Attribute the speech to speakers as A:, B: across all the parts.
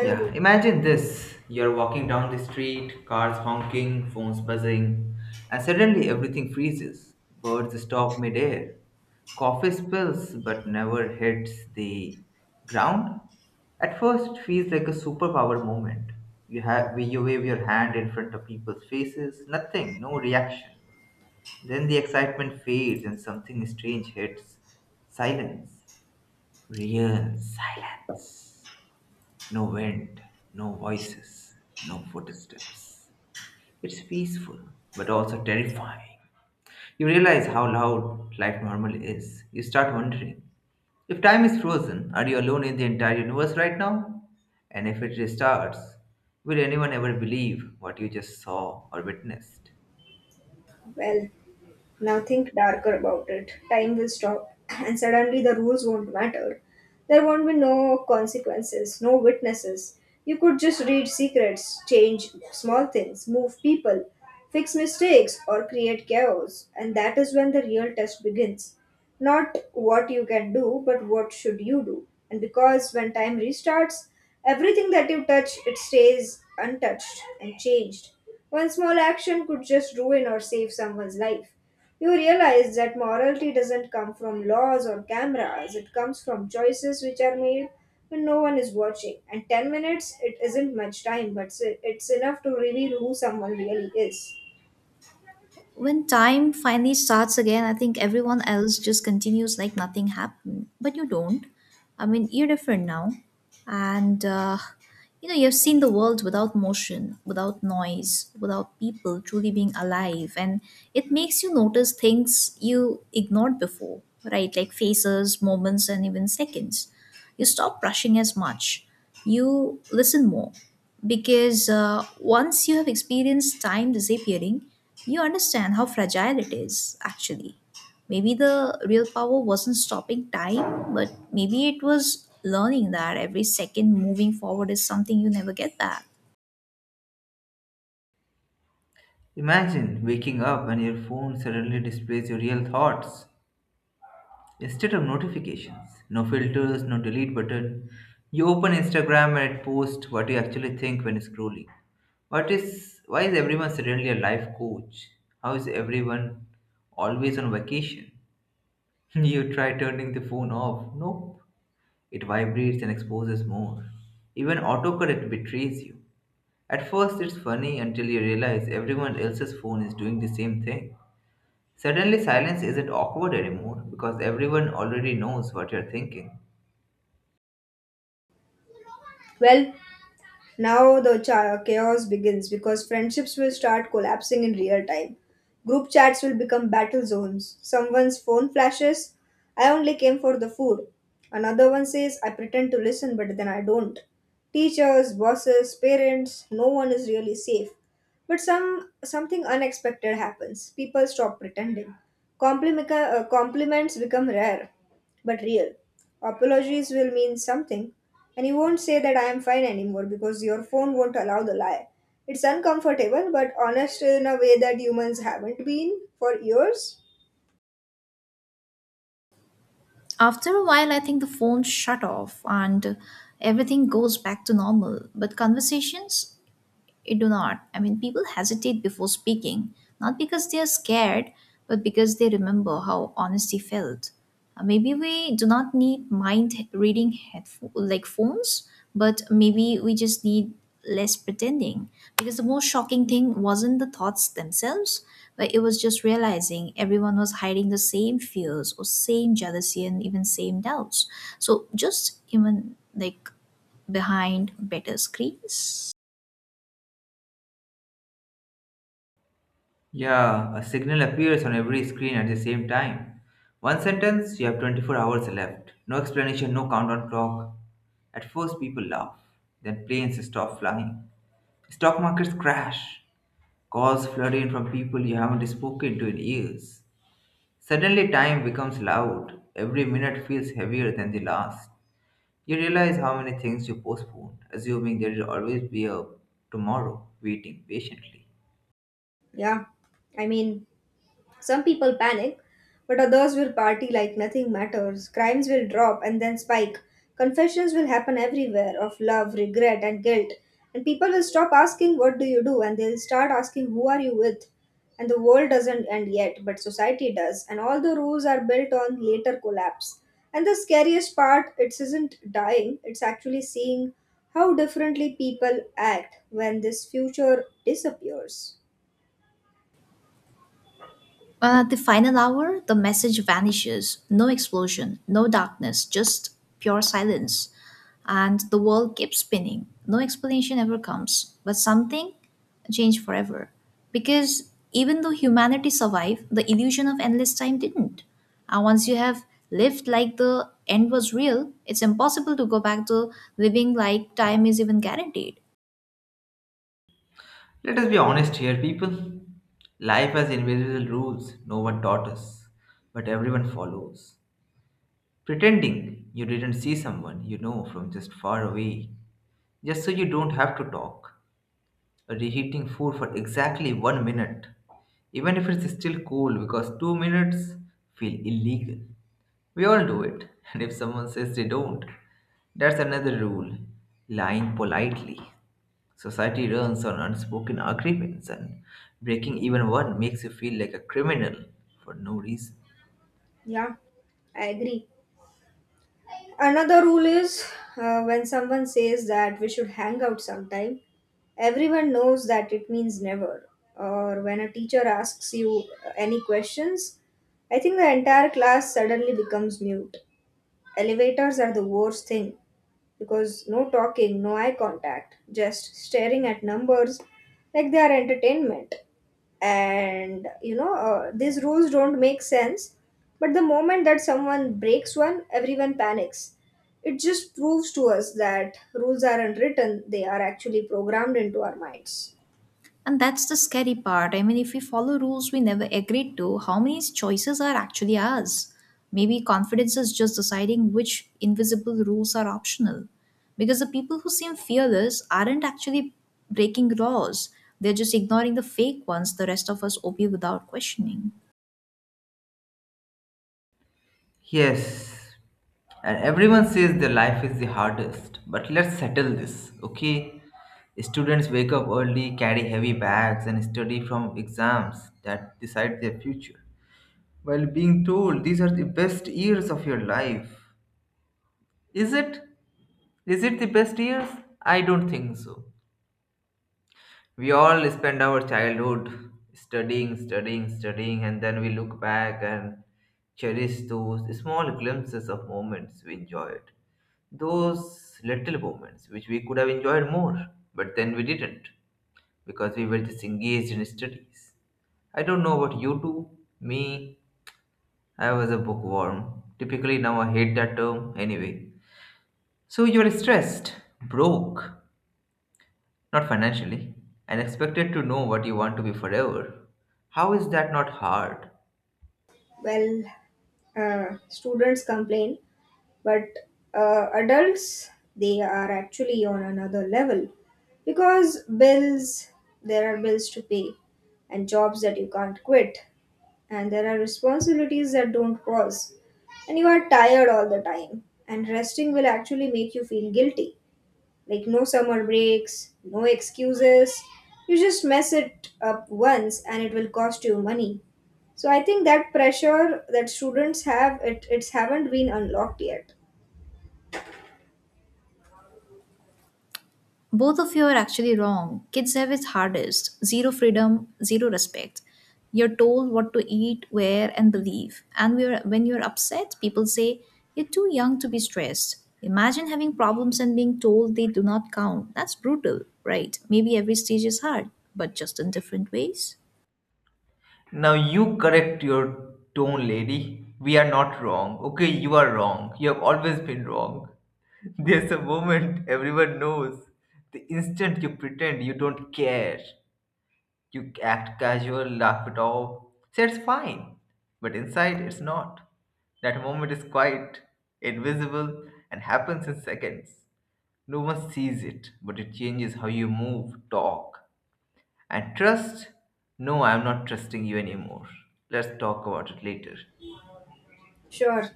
A: Yeah, imagine this. You're walking down the street, cars honking, phones buzzing, and suddenly everything freezes. Birds stop midair. Coffee spills but never hits the ground. At first, it feels like a superpower moment. You wave your hand in front of people's faces, nothing, no reaction. Then the excitement fades and something strange hits. Silence. Real silence. No wind, no voices, no footsteps. It's peaceful, but also terrifying. You realize how loud life normally is. You start wondering, if time is frozen, are you alone in the entire universe right now? And if it restarts, will anyone ever believe what you just saw or witnessed?
B: Well, now think darker about it. Time will stop, and suddenly the rules won't matter. There won't be no consequences, no witnesses. You could just read secrets, change small things, move people, fix mistakes, or create chaos, and that is when the real test begins. Not what you can do, but what should you do? And because when time restarts, everything that you touch, it stays untouched and changed. One small action could just ruin or save someone's life. You realize that morality doesn't come from laws or cameras, it comes from choices which are made when no one is watching. And 10 minutes, it isn't much time, but it's enough to reveal who someone really is.
C: When time finally starts again, I think everyone else just continues like nothing happened. But you don't. You're different now. And, uh, you've seen the world without motion, without noise, without people truly being alive. And it makes you notice things you ignored before, right? Like faces, moments, and even seconds. You stop rushing as much, you listen more, because once you have experienced time disappearing, you understand how fragile it is actually. Maybe the real power wasn't stopping time, but maybe it was learning that every second moving forward is something you never get back.
A: Imagine waking up and your phone suddenly displays your real thoughts. Instead of notifications, no filters, no delete button, you open Instagram and it posts what you actually think when scrolling. What is Why is everyone suddenly a life coach? How is everyone always on vacation? You try turning the phone off. Nope. It vibrates and exposes more. Even autocorrect betrays you. At first it's funny until you realize everyone else's phone is doing the same thing. Suddenly silence isn't awkward anymore because everyone already knows what you're thinking.
B: Well, now the chaos begins because friendships will start collapsing in real time. Group chats will become battle zones. Someone's phone flashes, I only came for the food. Another one says, I pretend to listen, but then I don't. Teachers, bosses, parents, no one is really safe. But something unexpected happens. People stop pretending. Compliments become rare but real. Apologies will mean something, and you won't say that I am fine anymore because your phone won't allow the lie. It's uncomfortable, but honest in a way that humans haven't been for years.
C: After a while, I think the phone shut off and everything goes back to normal, but conversations it do not. People hesitate before speaking, not because they are scared, but because they remember how honesty felt. Maybe we do not need mind reading phones, but maybe we just need less pretending. Because the most shocking thing wasn't the thoughts themselves, but it was just realizing everyone was hiding the same fears or same jealousy and even same doubts. So just even like behind better screens.
A: Yeah, a signal appears on every screen at the same time. One sentence, you have 24 hours left. No explanation, no countdown clock. At first, people laugh. Then planes stop flying. Stock markets crash. Calls flood in from people you haven't spoken to in years. Suddenly, time becomes loud. Every minute feels heavier than the last. You realize how many things you postponed, assuming there will always be a tomorrow waiting patiently.
B: Yeah, I mean, some people panic, but others will party like nothing matters. Crimes will drop and then spike. Confessions will happen everywhere, of love, regret, and guilt. And people will stop asking, What do you do? And they'll start asking, Who are you with? And the world doesn't end yet, but society does, and all the rules are built on later collapse. And the scariest part, it isn't dying, it's actually seeing how differently people act when this future disappears.
C: At the final hour, the message vanishes. No explosion, no darkness, just pure silence. And the world keeps spinning. No explanation ever comes. But something changed forever. Because even though humanity survived, the illusion of endless time didn't. And once you have lived like the end was real, it's impossible to go back to living like time is even guaranteed.
A: Let us be honest here, people. Life has invisible rules no one taught us, but everyone follows. Pretending you didn't see someone you know from just far away, just so you don't have to talk, or reheating food for exactly 1 minute, even if it's still cold because 2 minutes feel illegal. We all do it. And if someone says they don't, that's another rule, lying politely. Society runs on unspoken agreements, and breaking even one makes you feel like a criminal for no reason.
B: Yeah, I agree. Another rule is, when someone says that we should hang out sometime, everyone knows that it means never. Or when a teacher asks you any questions, I think the entire class suddenly becomes mute. Elevators are the worst thing because no talking, no eye contact, just staring at numbers like they are entertainment. And these rules don't make sense, but the moment that someone breaks one, everyone panics. It just proves to us that rules are unwritten; they are actually programmed into our minds.
C: And that's the scary part. If we follow rules we never agreed to, how many choices are actually ours? Maybe confidence is just deciding which invisible rules are optional. Because the people who seem fearless aren't actually breaking laws, they're just ignoring the fake ones the rest of us obey without questioning.
A: Yes, and everyone says their life is the hardest, but let's settle this, okay? Students wake up early, carry heavy bags, and study from exams that decide their future, while being told these are the best years of your life. Is it? Is it the best years? I don't think so. We all spend our childhood studying, studying, studying, and then we look back and cherish those small glimpses of moments we enjoyed. Those little moments which we could have enjoyed more, but then we didn't because we were just engaged in studies. I don't know about you two. Me, I was a bookworm. Typically, now I hate that term anyway. So you're stressed, broke, not financially. And expected to know what you want to be forever. How is that not hard?
B: Well, students complain, but adults, they are actually on another level, because bills, there are bills to pay, and jobs that you can't quit, and there are responsibilities that don't pause. And you are tired all the time, and resting will actually make you feel guilty. Like no summer breaks, no excuses. You just mess it up once and it will cost you money. So I think that pressure that students have, it it's haven't been unlocked yet.
C: Both of you are actually wrong. Kids have it hardest, zero freedom, zero respect. You're told what to eat, wear, and believe. And we're, when you're upset, people say, you're too young to be stressed. Imagine having problems and being told they do not count. That's brutal, right? Maybe every stage is hard, but just in different ways.
A: Now you correct your tone, lady. We are not wrong. Okay, you are wrong. You have always been wrong. There's a moment everyone knows. The instant you pretend you don't care, you act casual, laugh it off, say it's fine. But inside, it's not. That moment is quiet, invisible, and happens in seconds. No one sees it, but it changes how you move, talk, and trust. No, I'm not trusting you anymore. Let's talk about it later.
B: Sure.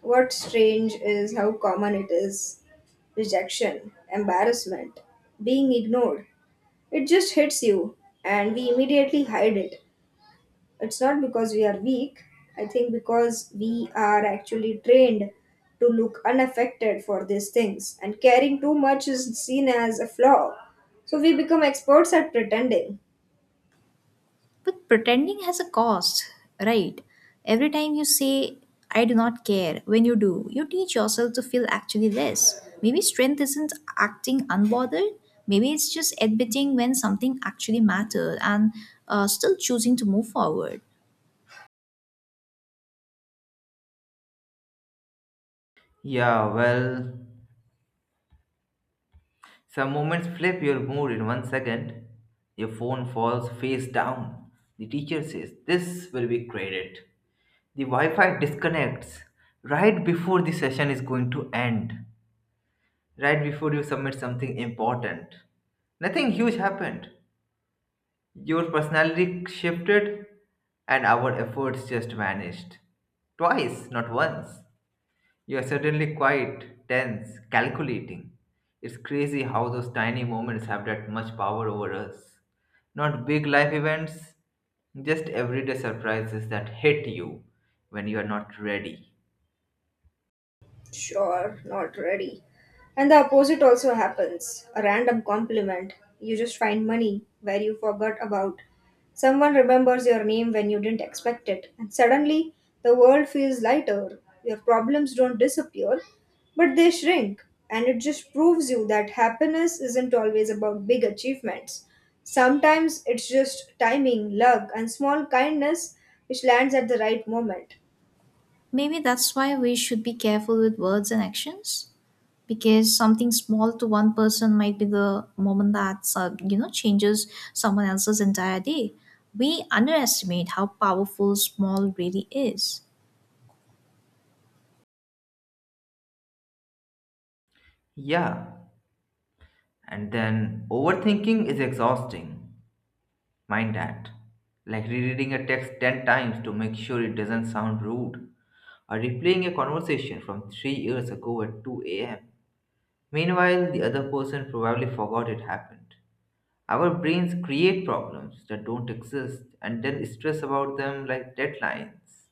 B: What's strange is how common it is. Rejection, embarrassment, being ignored. It just hits you and we immediately hide it. It's not because we are weak, I think because we are actually trained to look unaffected for these things, and caring too much is seen as a flaw. So we become experts at pretending.
C: But pretending has a cost, right? Every time you say, I do not care, when you do, you teach yourself to feel actually less. Maybe strength isn't acting unbothered. Maybe it's just admitting when something actually mattered and still choosing to move forward.
A: Yeah, well, some moments flip your mood in 1 second. Your phone falls face down. The teacher says, "This will be graded." The Wi Fi disconnects right before the session is going to end, right before you submit something important. Nothing huge happened, your personality shifted, and our efforts just vanished. Twice, not once. You are suddenly quiet, tense, calculating. It's crazy how those tiny moments have that much power over us. Not big life events, just everyday surprises that hit you when you are not ready.
B: Sure, not ready. And the opposite also happens, a random compliment. You just find money where you forgot about. Someone remembers your name when you didn't expect it, and suddenly the world feels lighter. Your problems don't disappear, but they shrink. And it just proves you that happiness isn't always about big achievements. Sometimes it's just timing, luck, and small kindness which lands at the right moment.
C: Maybe that's why we should be careful with words and actions, because something small to one person might be the moment that changes someone else's entire day. We underestimate how powerful small really is.
A: Yeah, and then overthinking is exhausting. Mind that. Like rereading a text 10 times to make sure it doesn't sound rude, or replaying a conversation from 3 years ago at 2 am. Meanwhile, the other person probably forgot it happened. Our brains create problems that don't exist and then stress about them like deadlines.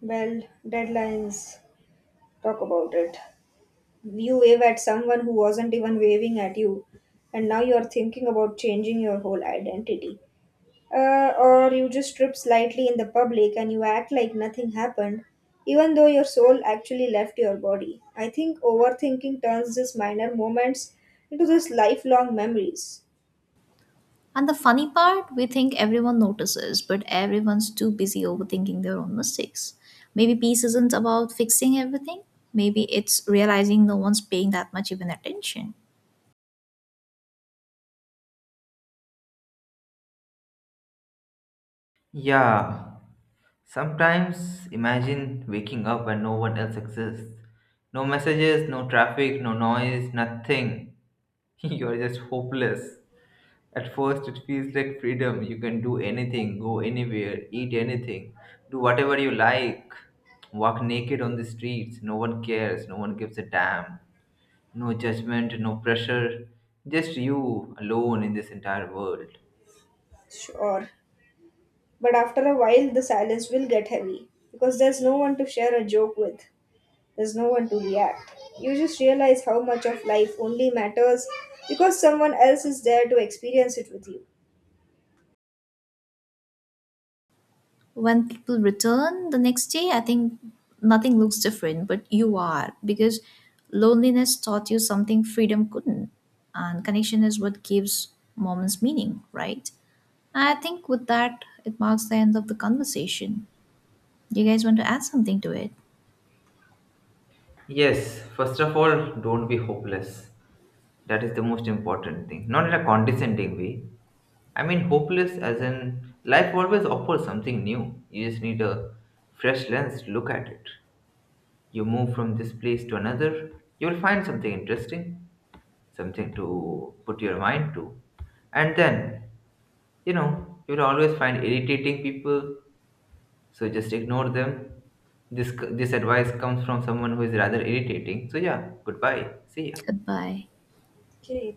B: Well, deadlines, talk about it. You wave at someone who wasn't even waving at you, and now you are thinking about changing your whole identity. Or you just trip slightly in the public and you act like nothing happened, even though your soul actually left your body. I think overthinking turns these minor moments into these lifelong memories.
C: And the funny part, we think everyone notices, but everyone's too busy overthinking their own mistakes. Maybe peace isn't about fixing everything. Maybe it's realizing no one's paying that much even attention.
A: Yeah, sometimes imagine waking up when no one else exists. No messages, no traffic, no noise, nothing. You're just hopeless. At first, it feels like freedom. You can do anything, go anywhere, eat anything, do whatever you like, walk naked on the streets. No one cares, no one gives a damn. No judgment, no pressure. Just you alone in this entire world.
B: Sure. But after a while, the silence will get heavy because there's no one to share a joke with. There's no one to react. You just realize how much of life only matters because someone else is there to experience it with you.
C: When people return the next day, I think nothing looks different, but you are, because loneliness taught you something freedom couldn't, and connection is what gives moments meaning, right? And I think with that, it marks the end of the conversation. Do you guys want to add something to it?
A: Yes, first of all, don't be hopeless. That is the most important thing. Not in a condescending way. I mean, hopeless as in life always offers something new. You just need a fresh lens to look at it. You move from this place to another, you will find something interesting, something to put your mind to. And then, you know, you'll always find irritating people, so just ignore them. This advice comes from someone who is rather irritating. So, yeah, goodbye. See ya.
C: Goodbye.
B: Okay,